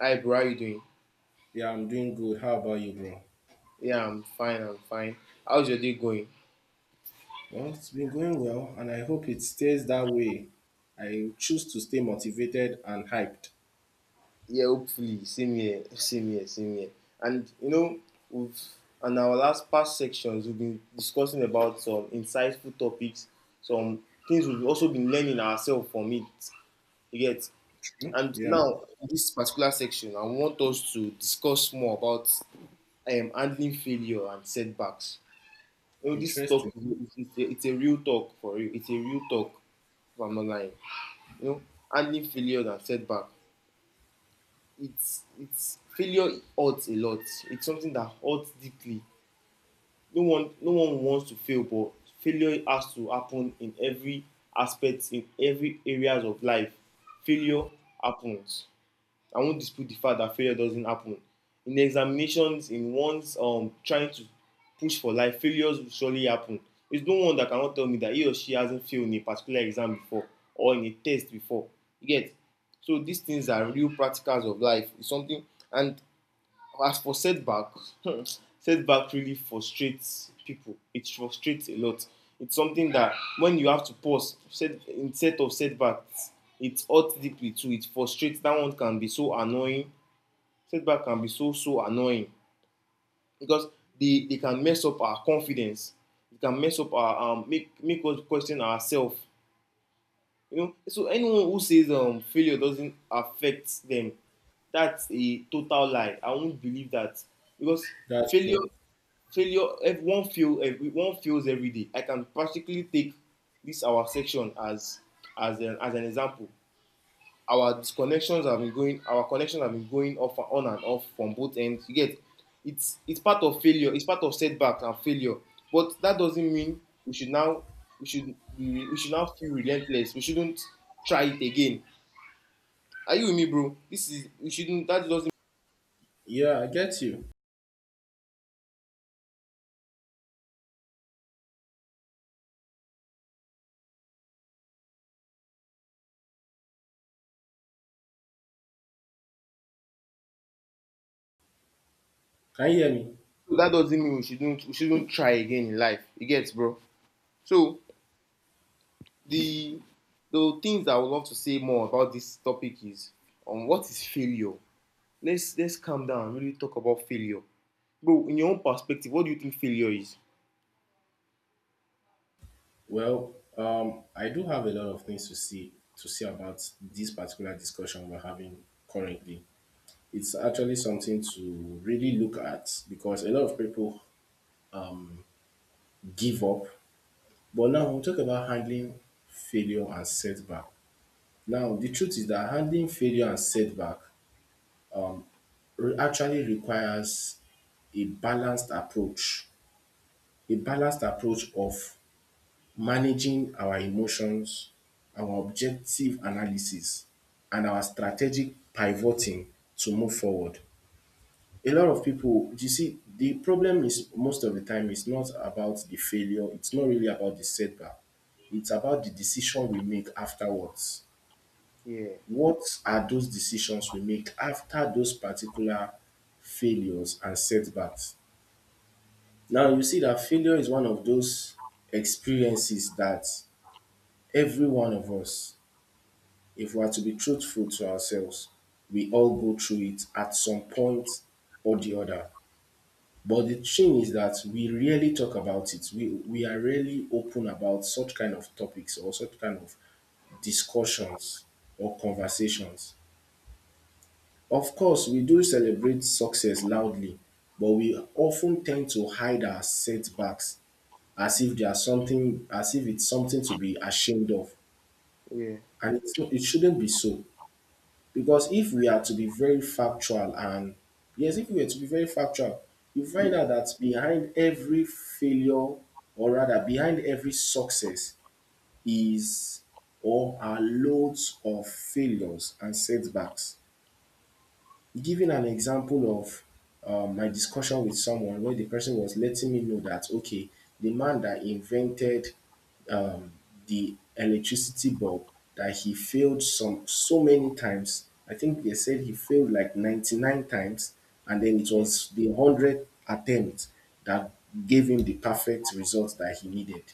Hi bro, how you doing? Yeah, I'm doing good. How about you, bro? Yeah, I'm fine, I'm fine. How's your day going? Well, it's been going well, and I hope it stays that way. I choose to stay motivated and hyped. Yeah, hopefully. Same here, same here, same here. And we've on our last past sections, we've been discussing about some insightful topics, some things we've also been learning ourselves from it. You get. True. And Yeah, now, in this particular section, I want us to discuss more about handling failure and setbacks. You know, this talk, interesting. It's a real talk for you. It's a real talk, if I'm not lying. you know, Handling failure and setback. It's Failure hurts a lot. It's something that hurts deeply. No one wants to fail, but failure has to happen in every aspect, in every areas of life. Failure happens. I won't dispute the fact that failure doesn't happen. In examinations, in one's trying to push for life, failures will surely happen. There's no one that cannot tell me that he or she hasn't failed in a particular exam before or in a test before. You get. So these things are real practicals of life. It's something. And as for setbacks, setback really frustrates people. It frustrates a lot. It's something that when you have to pause, instead of setbacks, it hurts deeply too. It frustrates. That one can be so annoying. Setback can be so so annoying because they can mess up our confidence. It can mess up our make make us question ourselves. So anyone who says failure doesn't affect them, that's a total lie. I won't believe that because That's failure true. failure if one fail every one fails every day. I can practically take this our section as as an example. Our connections have been going off and on and off from both ends. You get. It's part of failure. It's part of setbacks and failure, but that doesn't mean we should now, we should now feel relentless. We shouldn't try it again. Are you with me, bro? This is we shouldn't Yeah, I get you. Can you hear me? that doesn't mean we shouldn't try again in life. You get, bro? So the the things that I would love to say more about this topic is on what is failure? Let's calm down and really talk about failure. Bro, in your own perspective, what do you think failure is? Well, I do have a lot of things to see about this particular discussion we're having currently. It's actually something to really look at because a lot of people give up. But now we'll talk about handling failure and setback. Now, the truth is that handling failure and setback actually requires a balanced approach, a balanced approach of managing our emotions, our objective analysis, and our strategic pivoting to move forward. A lot of people, you see, the problem is most of the time it's not about the failure, it's not really about the setback, it's about the decision we make afterwards. Yeah, What are those decisions we make after those particular failures and setbacks? Now you see that failure is one of those experiences that every one of us, if we are to be truthful to ourselves, we all go through it at some point or the other. But the thing is that we rarely talk about it. We are rarely open about such kind of topics or such kind of discussions or conversations. Of course, we do celebrate success loudly, but we often tend to hide our setbacks as if they are something, as if it's something to be ashamed of. yeah, And it shouldn't be so. Because if we are to be very factual, and yes, if we are to be very factual, you find out that behind every failure, or rather behind every success, is or are loads of failures and setbacks. Giving an example of my discussion with someone where the person was letting me know that okay, the man that invented um, the electricity bulb, that he failed some so many times. I think they said he failed like 99 times, and then it yeah, was the 100th attempt that gave him the perfect result that he needed.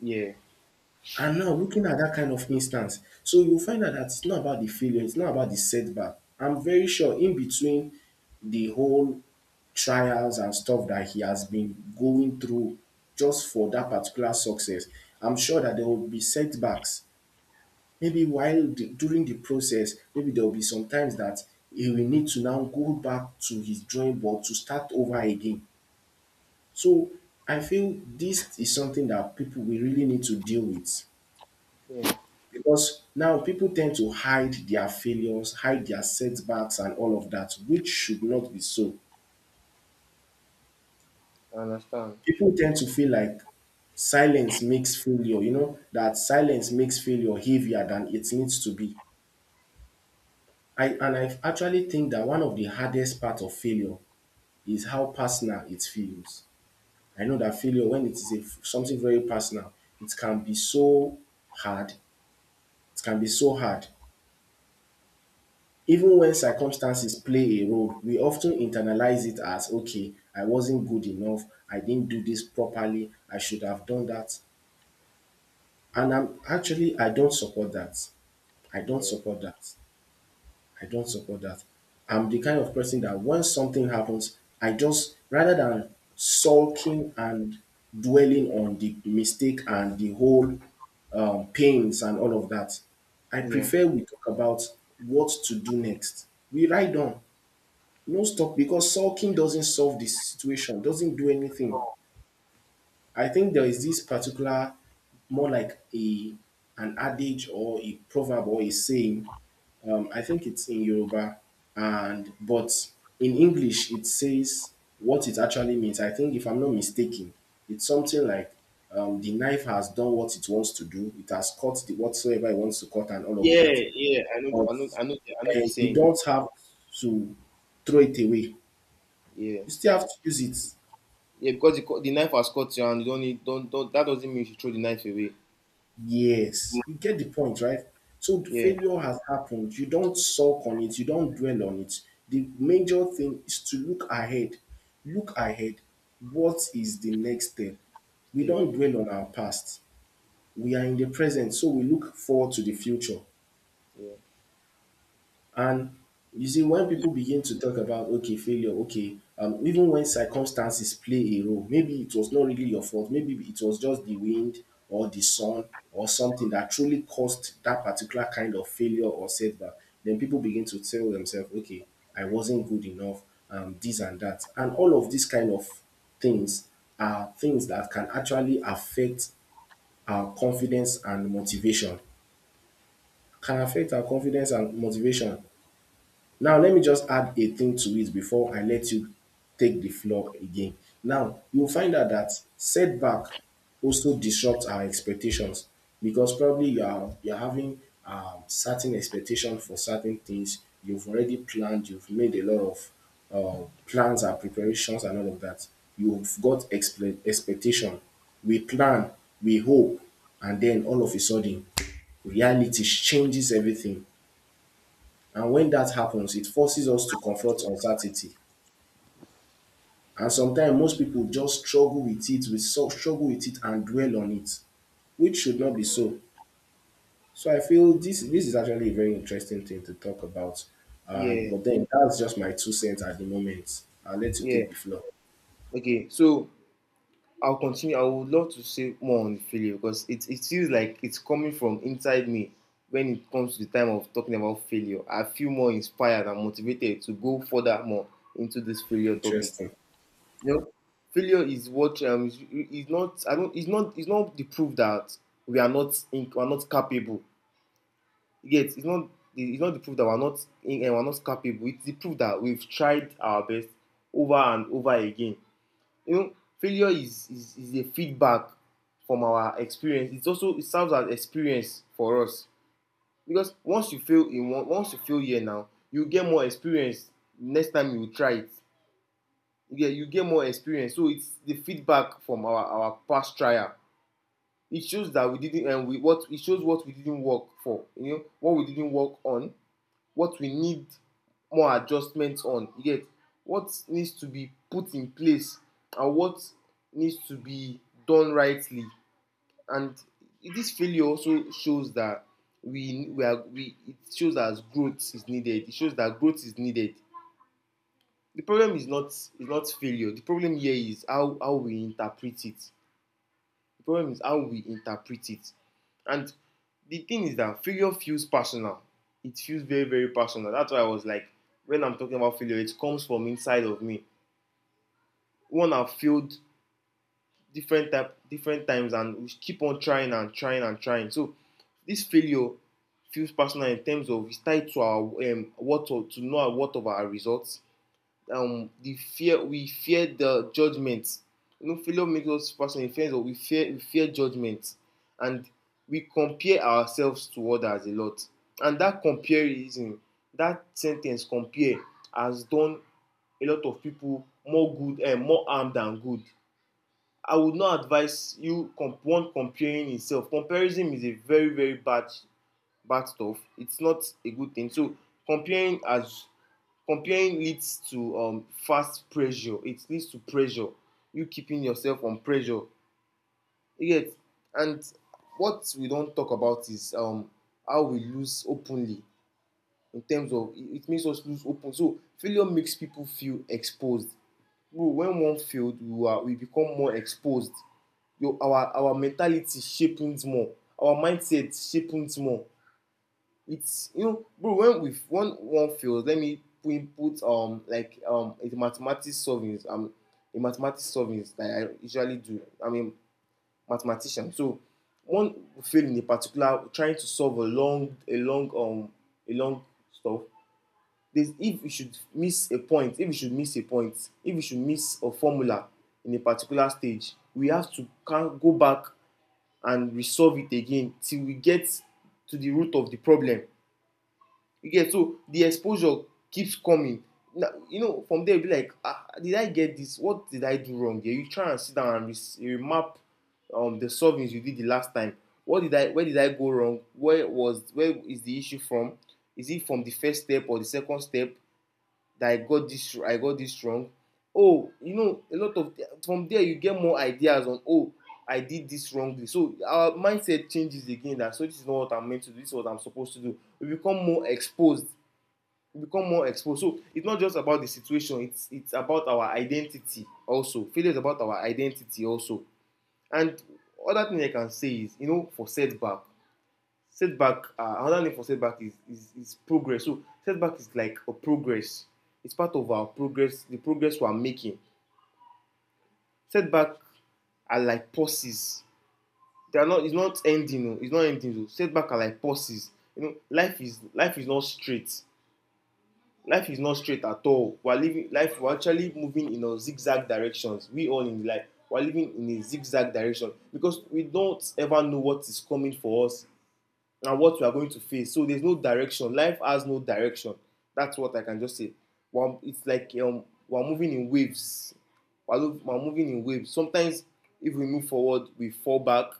yeah, And now looking at that kind of instance, so you find out dat it's not about the failure, it's not about the setback. I'm very sure in between the whole trials and stuff that he has been going through just for that particular success, I'm sure that there will be setbacks, maybe while di during the process, maybe there will be some times dat he will need to now go back to his drawing board to start over again. So I feel this is something that people we really need to deal with. yeah. Because now people tend to hide their failures, hide their setbacks and all of that, which should not be so. I understand. People tend to feel like silence makes failure, you know, that silence makes failure heavier than it needs to be. I actually think that one of the hardest part of failure is how personal it feels. I know that failure, when it is something very personal, it can be so hard. It can be so hard. Even when circumstances play a role, we often internalize it as okay, I wasn't good enough, I didn't do this properly, I should have done that. And I don't support that. I don't Yeah, support that. I don't support that. I'm the kind of person that when something happens, I just, rather than sulking and dwelling on the mistake and the whole pains and all of that, I yeah. prefer we talk about what to do next. We ride on. No stop, because sulking doesn't solve the situation, doesn't do anything. I think there is this particular, more like a an adage or a proverb or a saying. I think it's in Yoruba, and but in English it says what it actually means. I think if I'm not mistaken, it's something like the knife has done what it wants to do. It has cut the whatsoever it wants to cut and all of Yeah, that. yeah. I know But I know I know the you saying. don't have to throw it away, Yeah. you still have to use it. Yeah, because the knife has cut you, and you don't need don't that doesn't mean you should throw the knife away. Yes, you get the point, right? So the Yeah. failure has happened. You don't sulk on it. You don't dwell on it. The major thing is to look ahead. Look ahead. What is the next step? We Stay. don't dwell on our past. We are in the present, so we look forward to the future. Yeah. And you see, when people begin to talk about okay, failure, okay, even when circumstances play a role, maybe it was not really your fault, maybe it was just the wind or the sun or something that truly caused that particular kind of failure or setback, then people begin to tell themselves, okay, I wasn't good enough, this and that. And all of these kind of things are things that can actually affect our confidence and motivation. Can affect our confidence and motivation. Now let me just add a thing to it before I let you take the floor again. Now you will Okay. find out that setback also disrupt our expectations, because probably you're having certain expectation for certain things. You've already planned. You've made a lot of plans and preparations and all of that. You've got expectation. We plan. We hope, and then all of a sudden, reality changes everything, and when that happens, it forces us to confront uncertainty. And sometimes most people just struggle with it, we so struggle with it and dwell on it, which should not be so. So I feel this is actually a very interesting thing to talk about. Yeah, But then that's just my two cents at the moment. I'll let you yeah. take the floor. Okay, so I'll continue. I would love to say more on failure because it feels like it's coming from inside me when it comes to the time of talking about failure. I feel more inspired and motivated to go further more into this failure topic. Interesting. You know, failure is what is not I don't it's not the proof that we are not capable. Yet it's not the proof that we're not capable. It's the proof that we've tried our best over and over again. you know Failure is a feedback from our experience. It serves as experience for us because once you fail here, now you get more experience. Next time you try it, you get more experience. So it's the feedback from our past trial. It shows that we didn't we what it shows what we didn't work for, what we didn't work on, what we need more adjustments on. You get. What needs to be put in place, and what needs to be done rightly. And this failure also shows that, we are we it shows that growth is needed. It shows that growth is needed. The problem is not, failure. The problem here is how we interpret it. The problem is how we interpret it. And the thing is that failure feels personal. It feels very very personal. That's why I was like, when I'm talking about failure, it comes from inside of me. One have failed different type different times, and we keep on trying and trying and trying. So this failure feels personal in terms of it's tied to our what of, to know what of our results, the fear we fear the judgment. Failure makes us person in fear. We fear judgment, and we compare ourselves to others a lot. And that comparison, that sentence compare, has done a lot of people more good and more harm than good. I would not advise one comparing itself. Comparison is a very very bad bad stuff. It's not a good thing. So comparing has comparing leads to fast pressure. It leads to pressure. You keeping yourself on pressure. You get. And what we don't talk about is how we lose openly, in terms of it makes us lose open. So failure makes people feel exposed. Bro, when one failed, we become more exposed. Your our mentality sharpens more. Our mindset sharpens more. It's you know bro When we when one fails, let me put put like a mathematics solving, a mathematics solving that I usually do. I'm a mathematician. So one field in a particular trying to solve a long, a long stuff. There's if you should miss a point if you should miss a point if you should miss a formula in a particular stage, we have to can go back and resolve it again till we get to the root of the problem. You get. So the exposure keeps coming. Now, from there, you'll be like, did I get this? What did I do wrong here? You try and sit down and remap the solvings you did the last time. What did I? Where did I go wrong? Where was? Where is the issue from? Is it from the first step or the second step that I got this? I got this wrong. Oh, a lot of from there you get more ideas on. Oh, I did this wrongly. So our mindset changes again. That So this is not what I'm meant to do. This is what I'm supposed to do. We become more exposed, become more exposed. So it's not just about the situation, it's about our identity also. Failure is about our identity also. And other thing I can say is, for setback. Setback, another name for setback is progress. So setback is like a progress. It's part of our progress, the progress we are making. Setback are like pauses. They are not it's not ending, it's not ending. Oh. Setback are like pauses. Life is not straight. Life is not straight at all. We're living life We're actually moving in a zigzag directions. We're living in a zigzag direction because we don't ever know what is coming for us and what we are going to face. So there's no direction. Life has no direction. That's what I can just say. Well, it's like we're moving in waves. We're, we're moving in waves. Sometimes if we move forward, we fall back.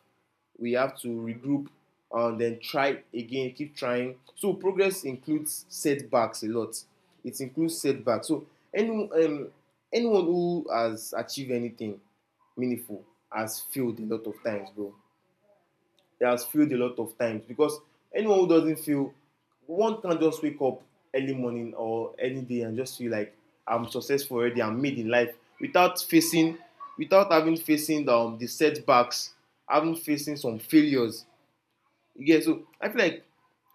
We have to regroup and then try again, keep trying. So progress includes setbacks a lot. It includes setbacks. So any um, anyone who has achieved anything meaningful has failed a lot of times, bro, that has failed a lot of times because anyone who doesn't feel one can just wake up early morning or any day and just feel like I'm successful already, I'm made in life without facing, without having facing the setbacks, having facing some failures. Yeah, so I feel like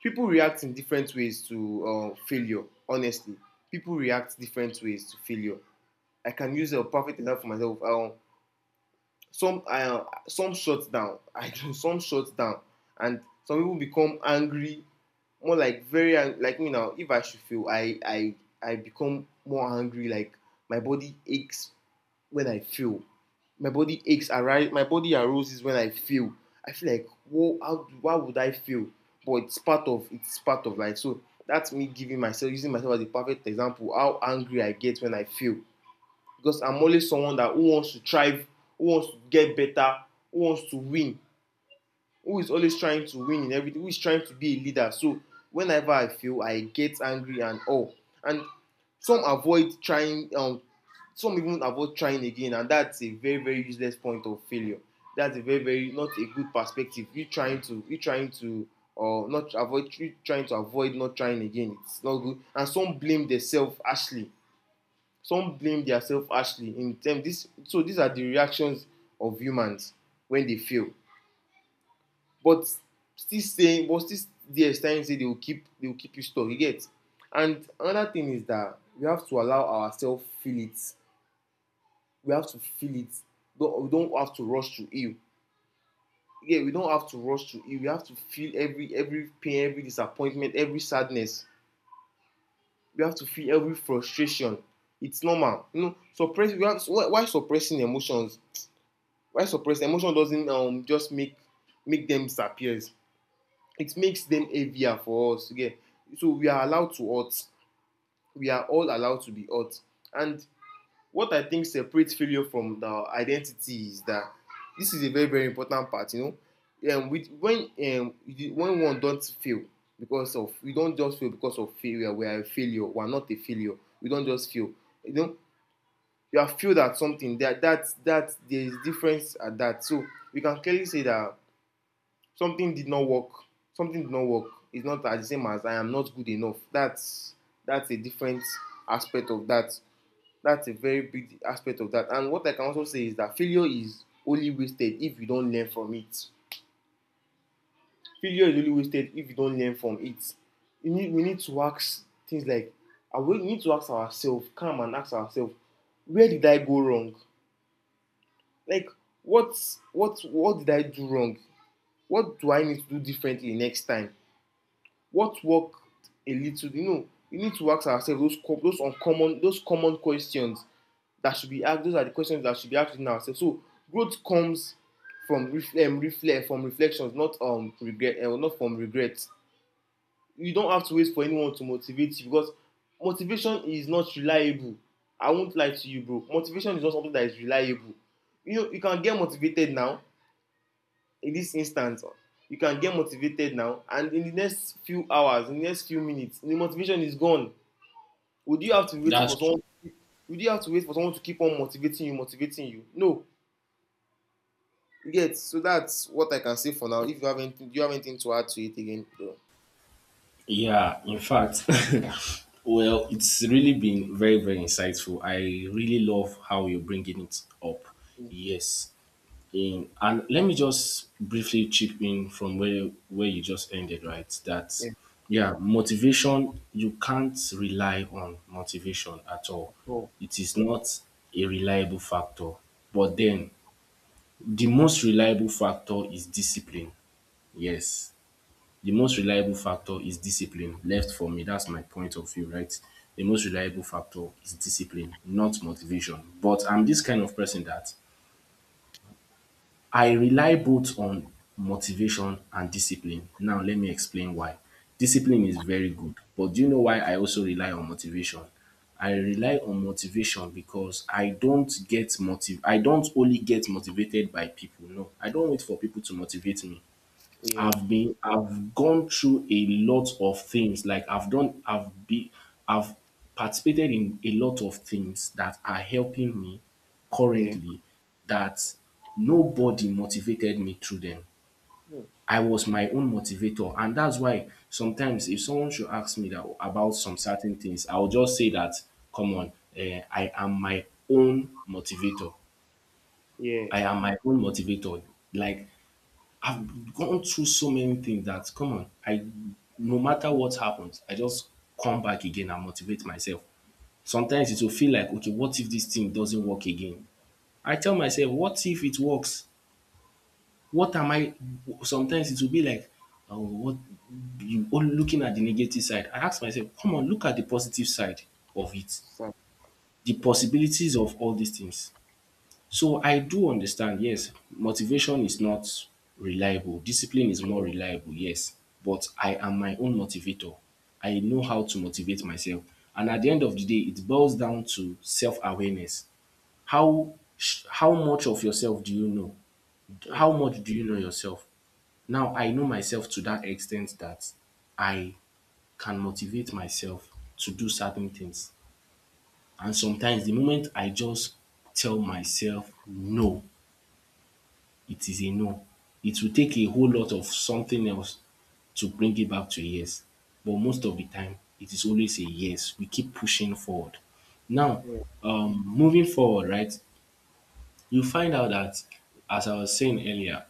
people react in different ways to failure. Honestly, people react different ways to failure. I can use a perfect example for myself. Some shut down, I know, some shut down and some people become angry, more like very like me now. If I should fail, I become more angry. Like, my body aches when I fail. My body arises when I fail. I feel like, whoa, how why would I fail? But it's part of life. So that's me giving myself, using myself as a perfect example how angry I get when I fail, because I'm always someone that, who wants to thrive, who wants to get better, who wants to win, who is always trying to win in everything, who is trying to be a leader. So whenever I feel, I get angry and all. And some avoid trying, some even avoid trying again, and that's a very very useless point of failure. That's a very very not a good perspective. You trying to or not avoid you trying to avoid not trying again. It's not good. And some blame themselves, actually some blame their self harshly in terms. This So these are the reactions of humans when they fail. But still saying but still, there starting say they will keep you stuck, you get. And another thing is that we have to allow ourselves feel it. We have to feel it. We don't have to rush to heal. Yeah, we don't have to rush to heal. We have to feel every pain, every disappointment, every sadness. We have to feel every frustration. It's normal, suppressing emotions. Why suppressed, emotion doesn't just make make them disappear. It makes them heavier for us. Yeah. So we are allowed to hurt. We are all allowed to be hurt. And what I think separates failure from the identity is that this is a very very important part. You know, with, um, when one don't fail, because of, we don't just fail because of failure. We are a failure. We are not a failure. We don't just fail. You know, you have failed at something. That, there is difference at that. So we can clearly say that something did not work, something did not work. It's not as the same as I am not good enough. That's a different aspect of that. That's a very big aspect of that. And what I can also say is that failure is only wasted if you don't learn from it. Failure is only wasted if you don't learn from it. You need, we need to ask things like, we need to ask ourselves, come and ask ourselves, where did I go wrong? Like, what, what did I do wrong? What do I need to do differently next time? What worked? A little, you know, we need to ask ourselves those those uncommon, those common questions that should be asked. Those are the questions that should be asked within ourselves. So growth comes from reflections, not regret, not from regret. You don't have to wait for anyone to motivate you, because motivation is not reliable. I won't lie to you, bro, motivation is not something that is reliable. You know, you can get motivated now, in this instance. You can get motivated now, and in the next few hours, in the next few minutes, the motivation is gone. Would you have to be waiting That's for tr- someone? Would you have to wait for someone to keep on motivating you? No. Yes. So that's what I can say for now. If you have anything, do you have anything to add to it again? No. yeah. In fact, well, it's really been very very insightful. I really love how you're bringing it up. Yes. In and let me just briefly chip in from where you just ended, right? That Yeah. yeah, motivation, you can't rely on motivation at all. At all. It is not a reliable factor. But Yeah. then the most reliable factor is discipline. Yes. The most reliable factor is discipline. Left for me, that's my point of view, right? The most reliable factor is discipline, not motivation. But I'm this kind of person that I rely both on motivation and discipline. Now let me explain why. Discipline is Okay. very good, but do you know why I also rely on motivation? I rely on motivation because I don't only get motivated by people. No, I don't wait for people to motivate me. Yeah, I've gone through a lot of things. Like I've participated in a lot of things that are helping me yeah, currently, that nobody motivated me through them. I was my own motivator. And that's why sometimes if someone should ask me that about some certain things, I'll just say that, come on, eh, I am my own motivator. yeah. I am my own motivator. Like I've gone through so many things that come on, I, no matter what happens, I just come back again and motivate myself. Sometimes it will feel like okay, what if this thing doesn't work again? I tell myself, what if it works? What am I sometimes it will be like oh, what, you all looking at the negative side. I ask myself, come on, look at the positive side of it. Fine. The Yeah. possibilities of all these things. So I do understand, yes, motivation is not reliable, discipline is more reliable, yes, but I am my own motivator. I know how to motivate myself. And at the end of the day, it boils down to self awareness. How how much of yourself do you know? Mm. How much do you know yourself? Now I know myself to that extent that I can motivate myself to do certain things. And sometimes the moment I just tell myself no, it is a no. It will take a whole lot of something else to bring it back to a yes. But most of the time, it is always a yes. We keep pushing forward. Now, Yeah. Moving forward, right, you find out that, as I was saying earlier,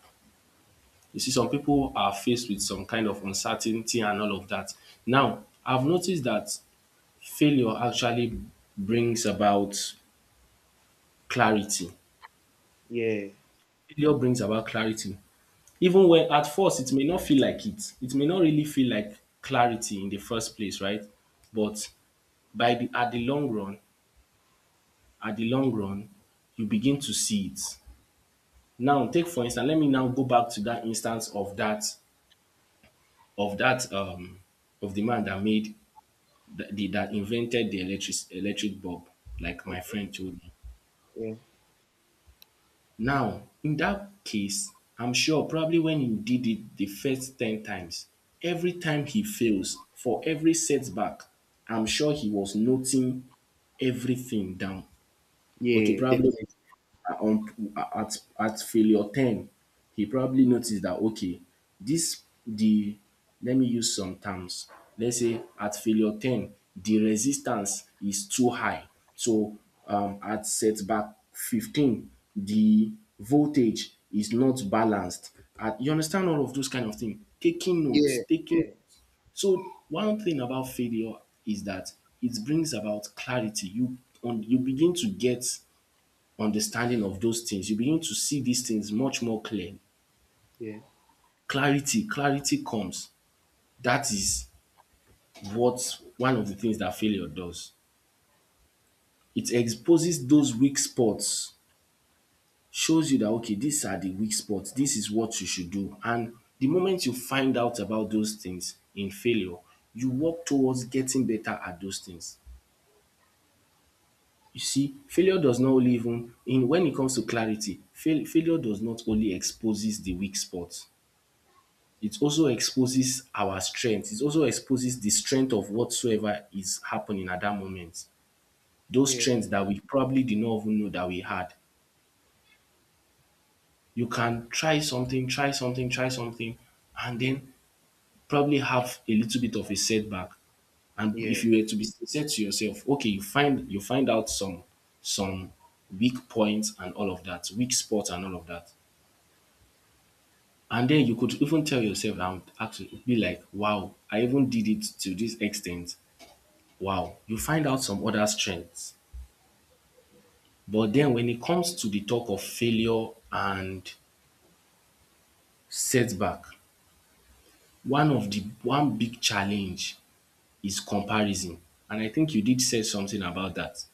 you see, some people are faced with some kind of uncertainty and all of that. Now, I've noticed that failure actually brings about clarity. Yeah. Failure brings about clarity. Even when at first it may not feel like it may not really feel like clarity in the first place, right? But by the at the long run, at the long run you begin to see it. Now take, for instance, let me now go back to that instance of that of that of the man that made that invented the electric bulb, like my Okay. friend told me. Yeah. Now, in that case, I'm sure probably when you did it the first 10 times, every time he fails, for every setback, I'm sure he was noting everything down. Okay, Yeah, probably, definitely. are on at failure 10 he probably noticed that, okay, this the let me use some terms. Let's say at failure 10 the resistance is too high. So, at setback 15 the voltage is not balanced at You understand all of those kind of things, taking notes, Yeah. taking Yeah, So one thing about failure is that it brings about clarity. You begin to get understanding of those things, you begin to see these things much more clear. yeah. Clarity, clarity comes. That is what one of the things that failure does. It exposes those weak spots, shows you that, okay, these are the weak spots, this is what you should do. And the moment you find out about those things in failure, you work towards getting better at those things. You see, failure does not only, even in when it comes to clarity, failure does not only exposes the weak spots, it also exposes our strength. It also exposes the strength of whatsoever is happening at that moment. Those Yeah. strengths that we probably did not even know that we had. You can try something, try something, try something, and then probably have a little bit of a setback. And Yeah. if you were to be sincere to yourself, okay, you find out some weak points and all of that, weak spots and all of that. And then you could even tell yourself and actually be like, wow, I even did it to this extent. Wow, you find out some other strengths. But then when it comes to the talk of failure and setback, one of the one big challenge is comparison. And I think you did say something about that.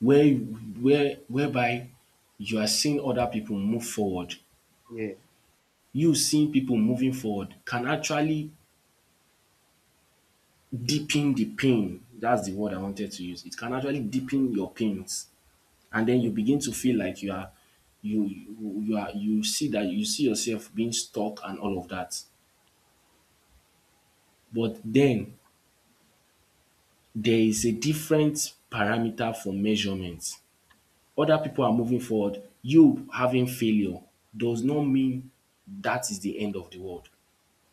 Whereby you are seeing other people move forward. Yeah. You seeing people moving forward can actually deepen the pain. That's the word I wanted to use. It can actually deepen your pains, and then you begin to feel like you are you you you are you see that you see yourself being stuck and all of that. But then there is a different parameter for measurement. Other people are moving forward. You having failure does not mean that is the end of the world.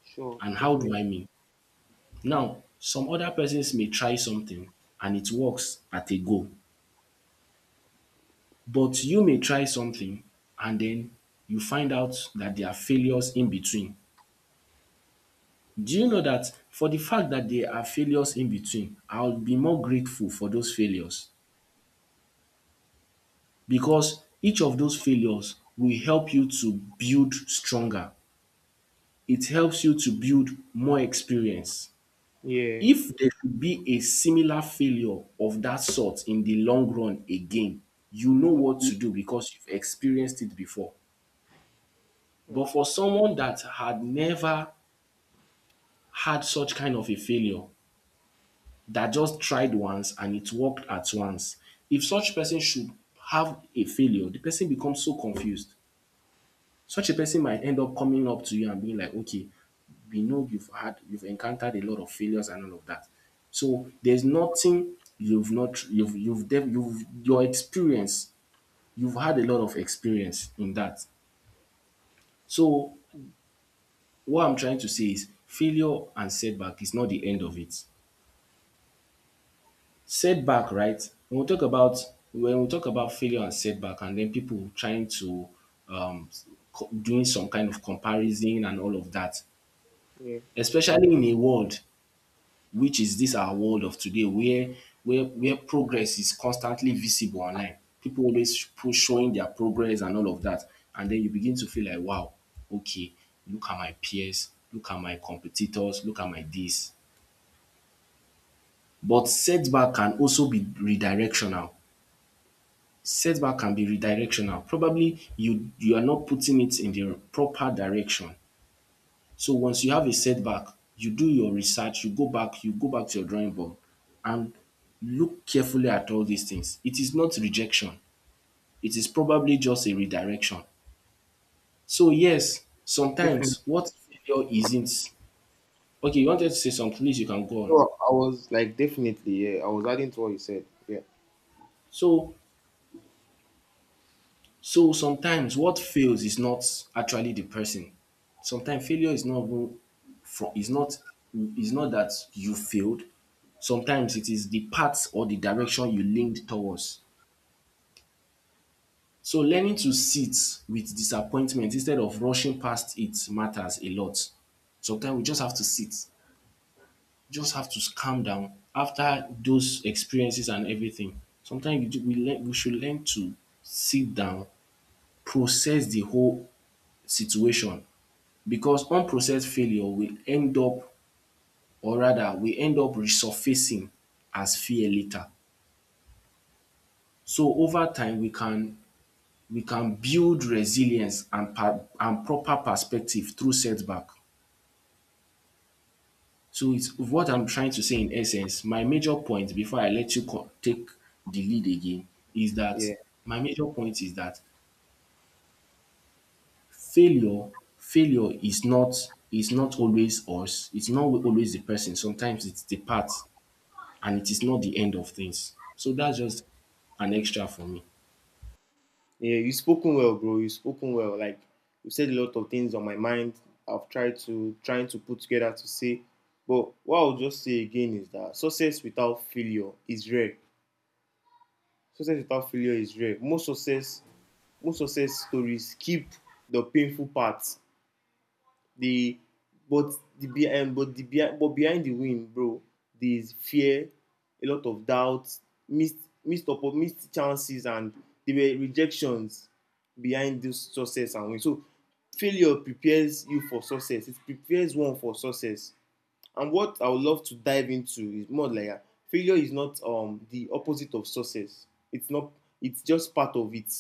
Sure, And how definitely. do I mean? Now, some other persons may try something and it works at a go. But you may try something and then you find out that there are failures in between. Do you know that for the fact that there are failures in between, I will be more grateful for those failures, because each of those failures will help you to build stronger. It helps you to build more experience. Yeah If there should be a similar failure of that sort in the long run again, you know what to do because you've experienced it before. But for someone that had never had such kind of a failure, that just tried once and it worked at once. If such person should have a failure, the person becomes so confused. Such a person might end up coming up to you and being like, okay, we know you've had, you've encountered a lot of failures and all of that. So there's nothing you've not, you've, your experience, you've had a lot of experience in that. So what I'm trying to say is failure and setback is not the end of it. Setback, right? When we talk about failure and setback, and then people trying to um, doing some kind of comparison and all of that, Yeah. especially in a world which is this our world of today, where progress is constantly visible online. People always push showing their progress and all of that, and then you begin to feel like, wow, okay, look at my peers, look at my competitors, look at my this. But setback can also be redirectional. Setback can be redirectional. Probably you are not putting it in the proper direction. So once you have a setback, you do your research, you go back to your drawing board and look carefully at all these things. It is not rejection. It is probably just a redirection. So yes, Definitely. sometimes what failure isn't. Okay, you wanted to say something, please, you can go on. No, I was like definitely, yeah. I was adding to what you said. Yeah. So So sometimes what fails is not actually the person. Sometimes failure is not even from is not that you failed. Sometimes it is the path or the direction you leaned towards. So learning to sit with disappointment instead of rushing past it matters a lot. Sometimes we just have to sit, just have to calm down after those experiences and everything. Sometimes you do, we learn, we should learn to sit down, process the whole situation, because unprocessed failure will end up, or rather we end up resurfacing as fear later. So over time we can build resilience and proper perspective through setback. So it's what I'm trying to say in essence. My major point, before I let you take the lead again, is that Yeah. my major point is that failure failure is not, is not always us. It's not always the person. Sometimes it's the path, and it is not the end of things. So that's just an extra for me. Yeah. You spoken well, bro. You spoken well. Like, you said a lot of things on my mind. I've tried to trying to put together to say. But what I'll just say again is that success without failure is rare. Success without failure is rare. Most success stories keep the painful part, the, but the behind but the behind but behind the win, bro, there is fear, a lot of doubt, missed, missed oppo missed chances, and there were rejections behind those success and win. So failure prepares you for success. It prepares one for success. And what I would love to dive into is more like, ah, failure is not the opposite of success. It's not, it's just part of it.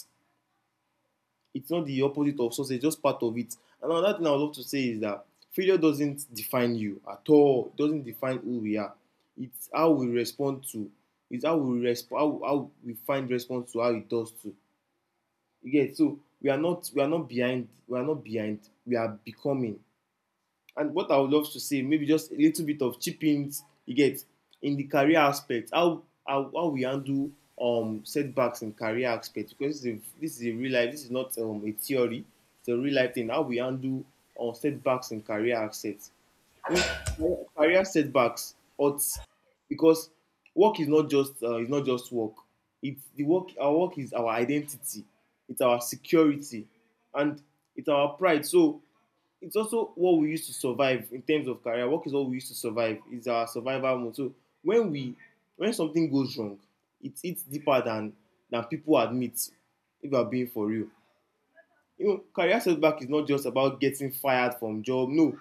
It's not the opposite of success, it's just part of it. And another thing I would love to say is that failure doesn't define you at all. It doesn't define who we are. It's how we respond to it's how we respond how we find response to how it does to. You get it? So we are not, we are not behind, we are becoming. And what I would love to see, maybe just a little bit of chippings, you get, in the career aspect, how we handle setbacks in career aspect, because this is a real life, this is not a theory, it's a real life thing. How we handle setbacks in career assets. You know, career setbacks odds, because work is not just it's not just work. It's the work, our work is our identity, it's our security, and it's our pride. So it's also what we use to survive in terms of career. Work is what we use to survive. It's our survival mode. So when we, when something goes wrong, it's deeper than people admit. If you're being for real, you know, career setback is not just about getting fired from job. No,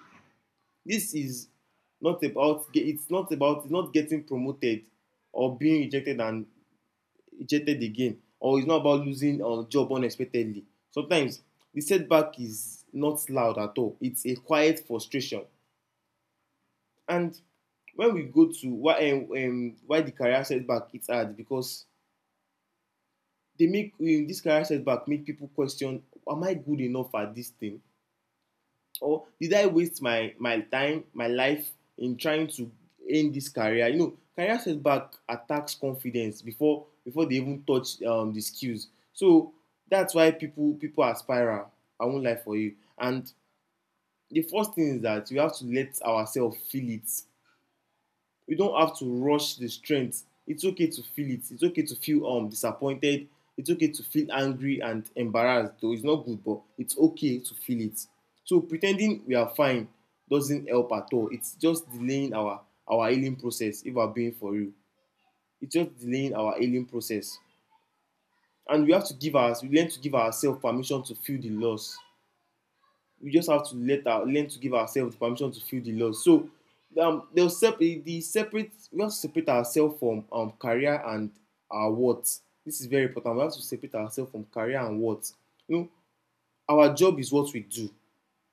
this is not about. It's not about. It's not getting promoted or being rejected and rejected again. Or it's not about losing a job unexpectedly. Sometimes the setback is not loud at all. It's a quiet frustration. And when we go to why, why the career setback, it's hard because they make, this career setback make people question: am I good enough at this thing, or did I waste my my time, my life in trying to end this career? You know, career setback attacks confidence before they even touch the skills. So that's why people, people are spiral. I won't lie for you. And the first thing is that we have to let ourselves feel it. You don't have to rush the strength. It's okay to feel it. It's okay to feel disappointed. It's okay to feel angry and embarrassed, though it's not good, but it's okay to feel it. So pretending we are fine doesn't help at all. It's just delaying our healing process. If we're being for real, it's just delaying our healing process. And we have to give our, we learn to give ourselves permission to feel the loss. We just have to let our, learn to give ourselves the permission to feel the loss. So they'll sep the separate we have to separate ourselves from career and our worth. This is very important. We have to separate ourselves from career and worth. You know, our job is what we do,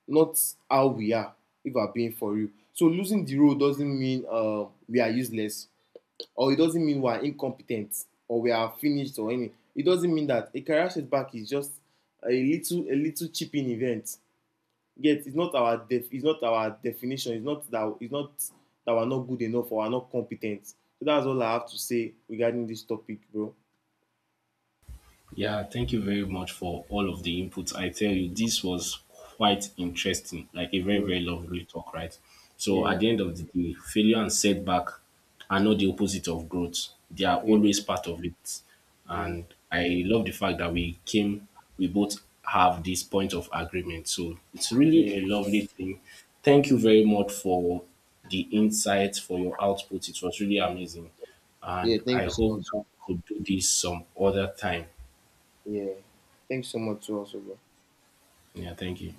not how we are. If we're being for real, so losing the role doesn't mean, we are useless, or it doesn't mean we are incompetent or we are finished or anything. It doesn't mean that. A career setback is just a little, a little chipping event, yet it's not our def it's not our definition. It's not that, it's not that we're not good enough or we're not competent. So that's all I have to say regarding this topic, bro. Yeah, thank you very much for all of the inputs. I tell you, this was quite interesting, like a very, Yeah, very lovely talk, right? So, yeah, at the end of the day, failure and setback are not the opposite of growth, they are yeah, always part of it. yeah, And I love the fact that we came, we both have this point of agreement. So, it's yeah, really a lovely thing. Thank you very much for the insights, for your output. It was really amazing. yeah. And Thank I you so hope that much. we could do this some other time. Yeah. Thanks so much to also, bro. Yeah, thank you.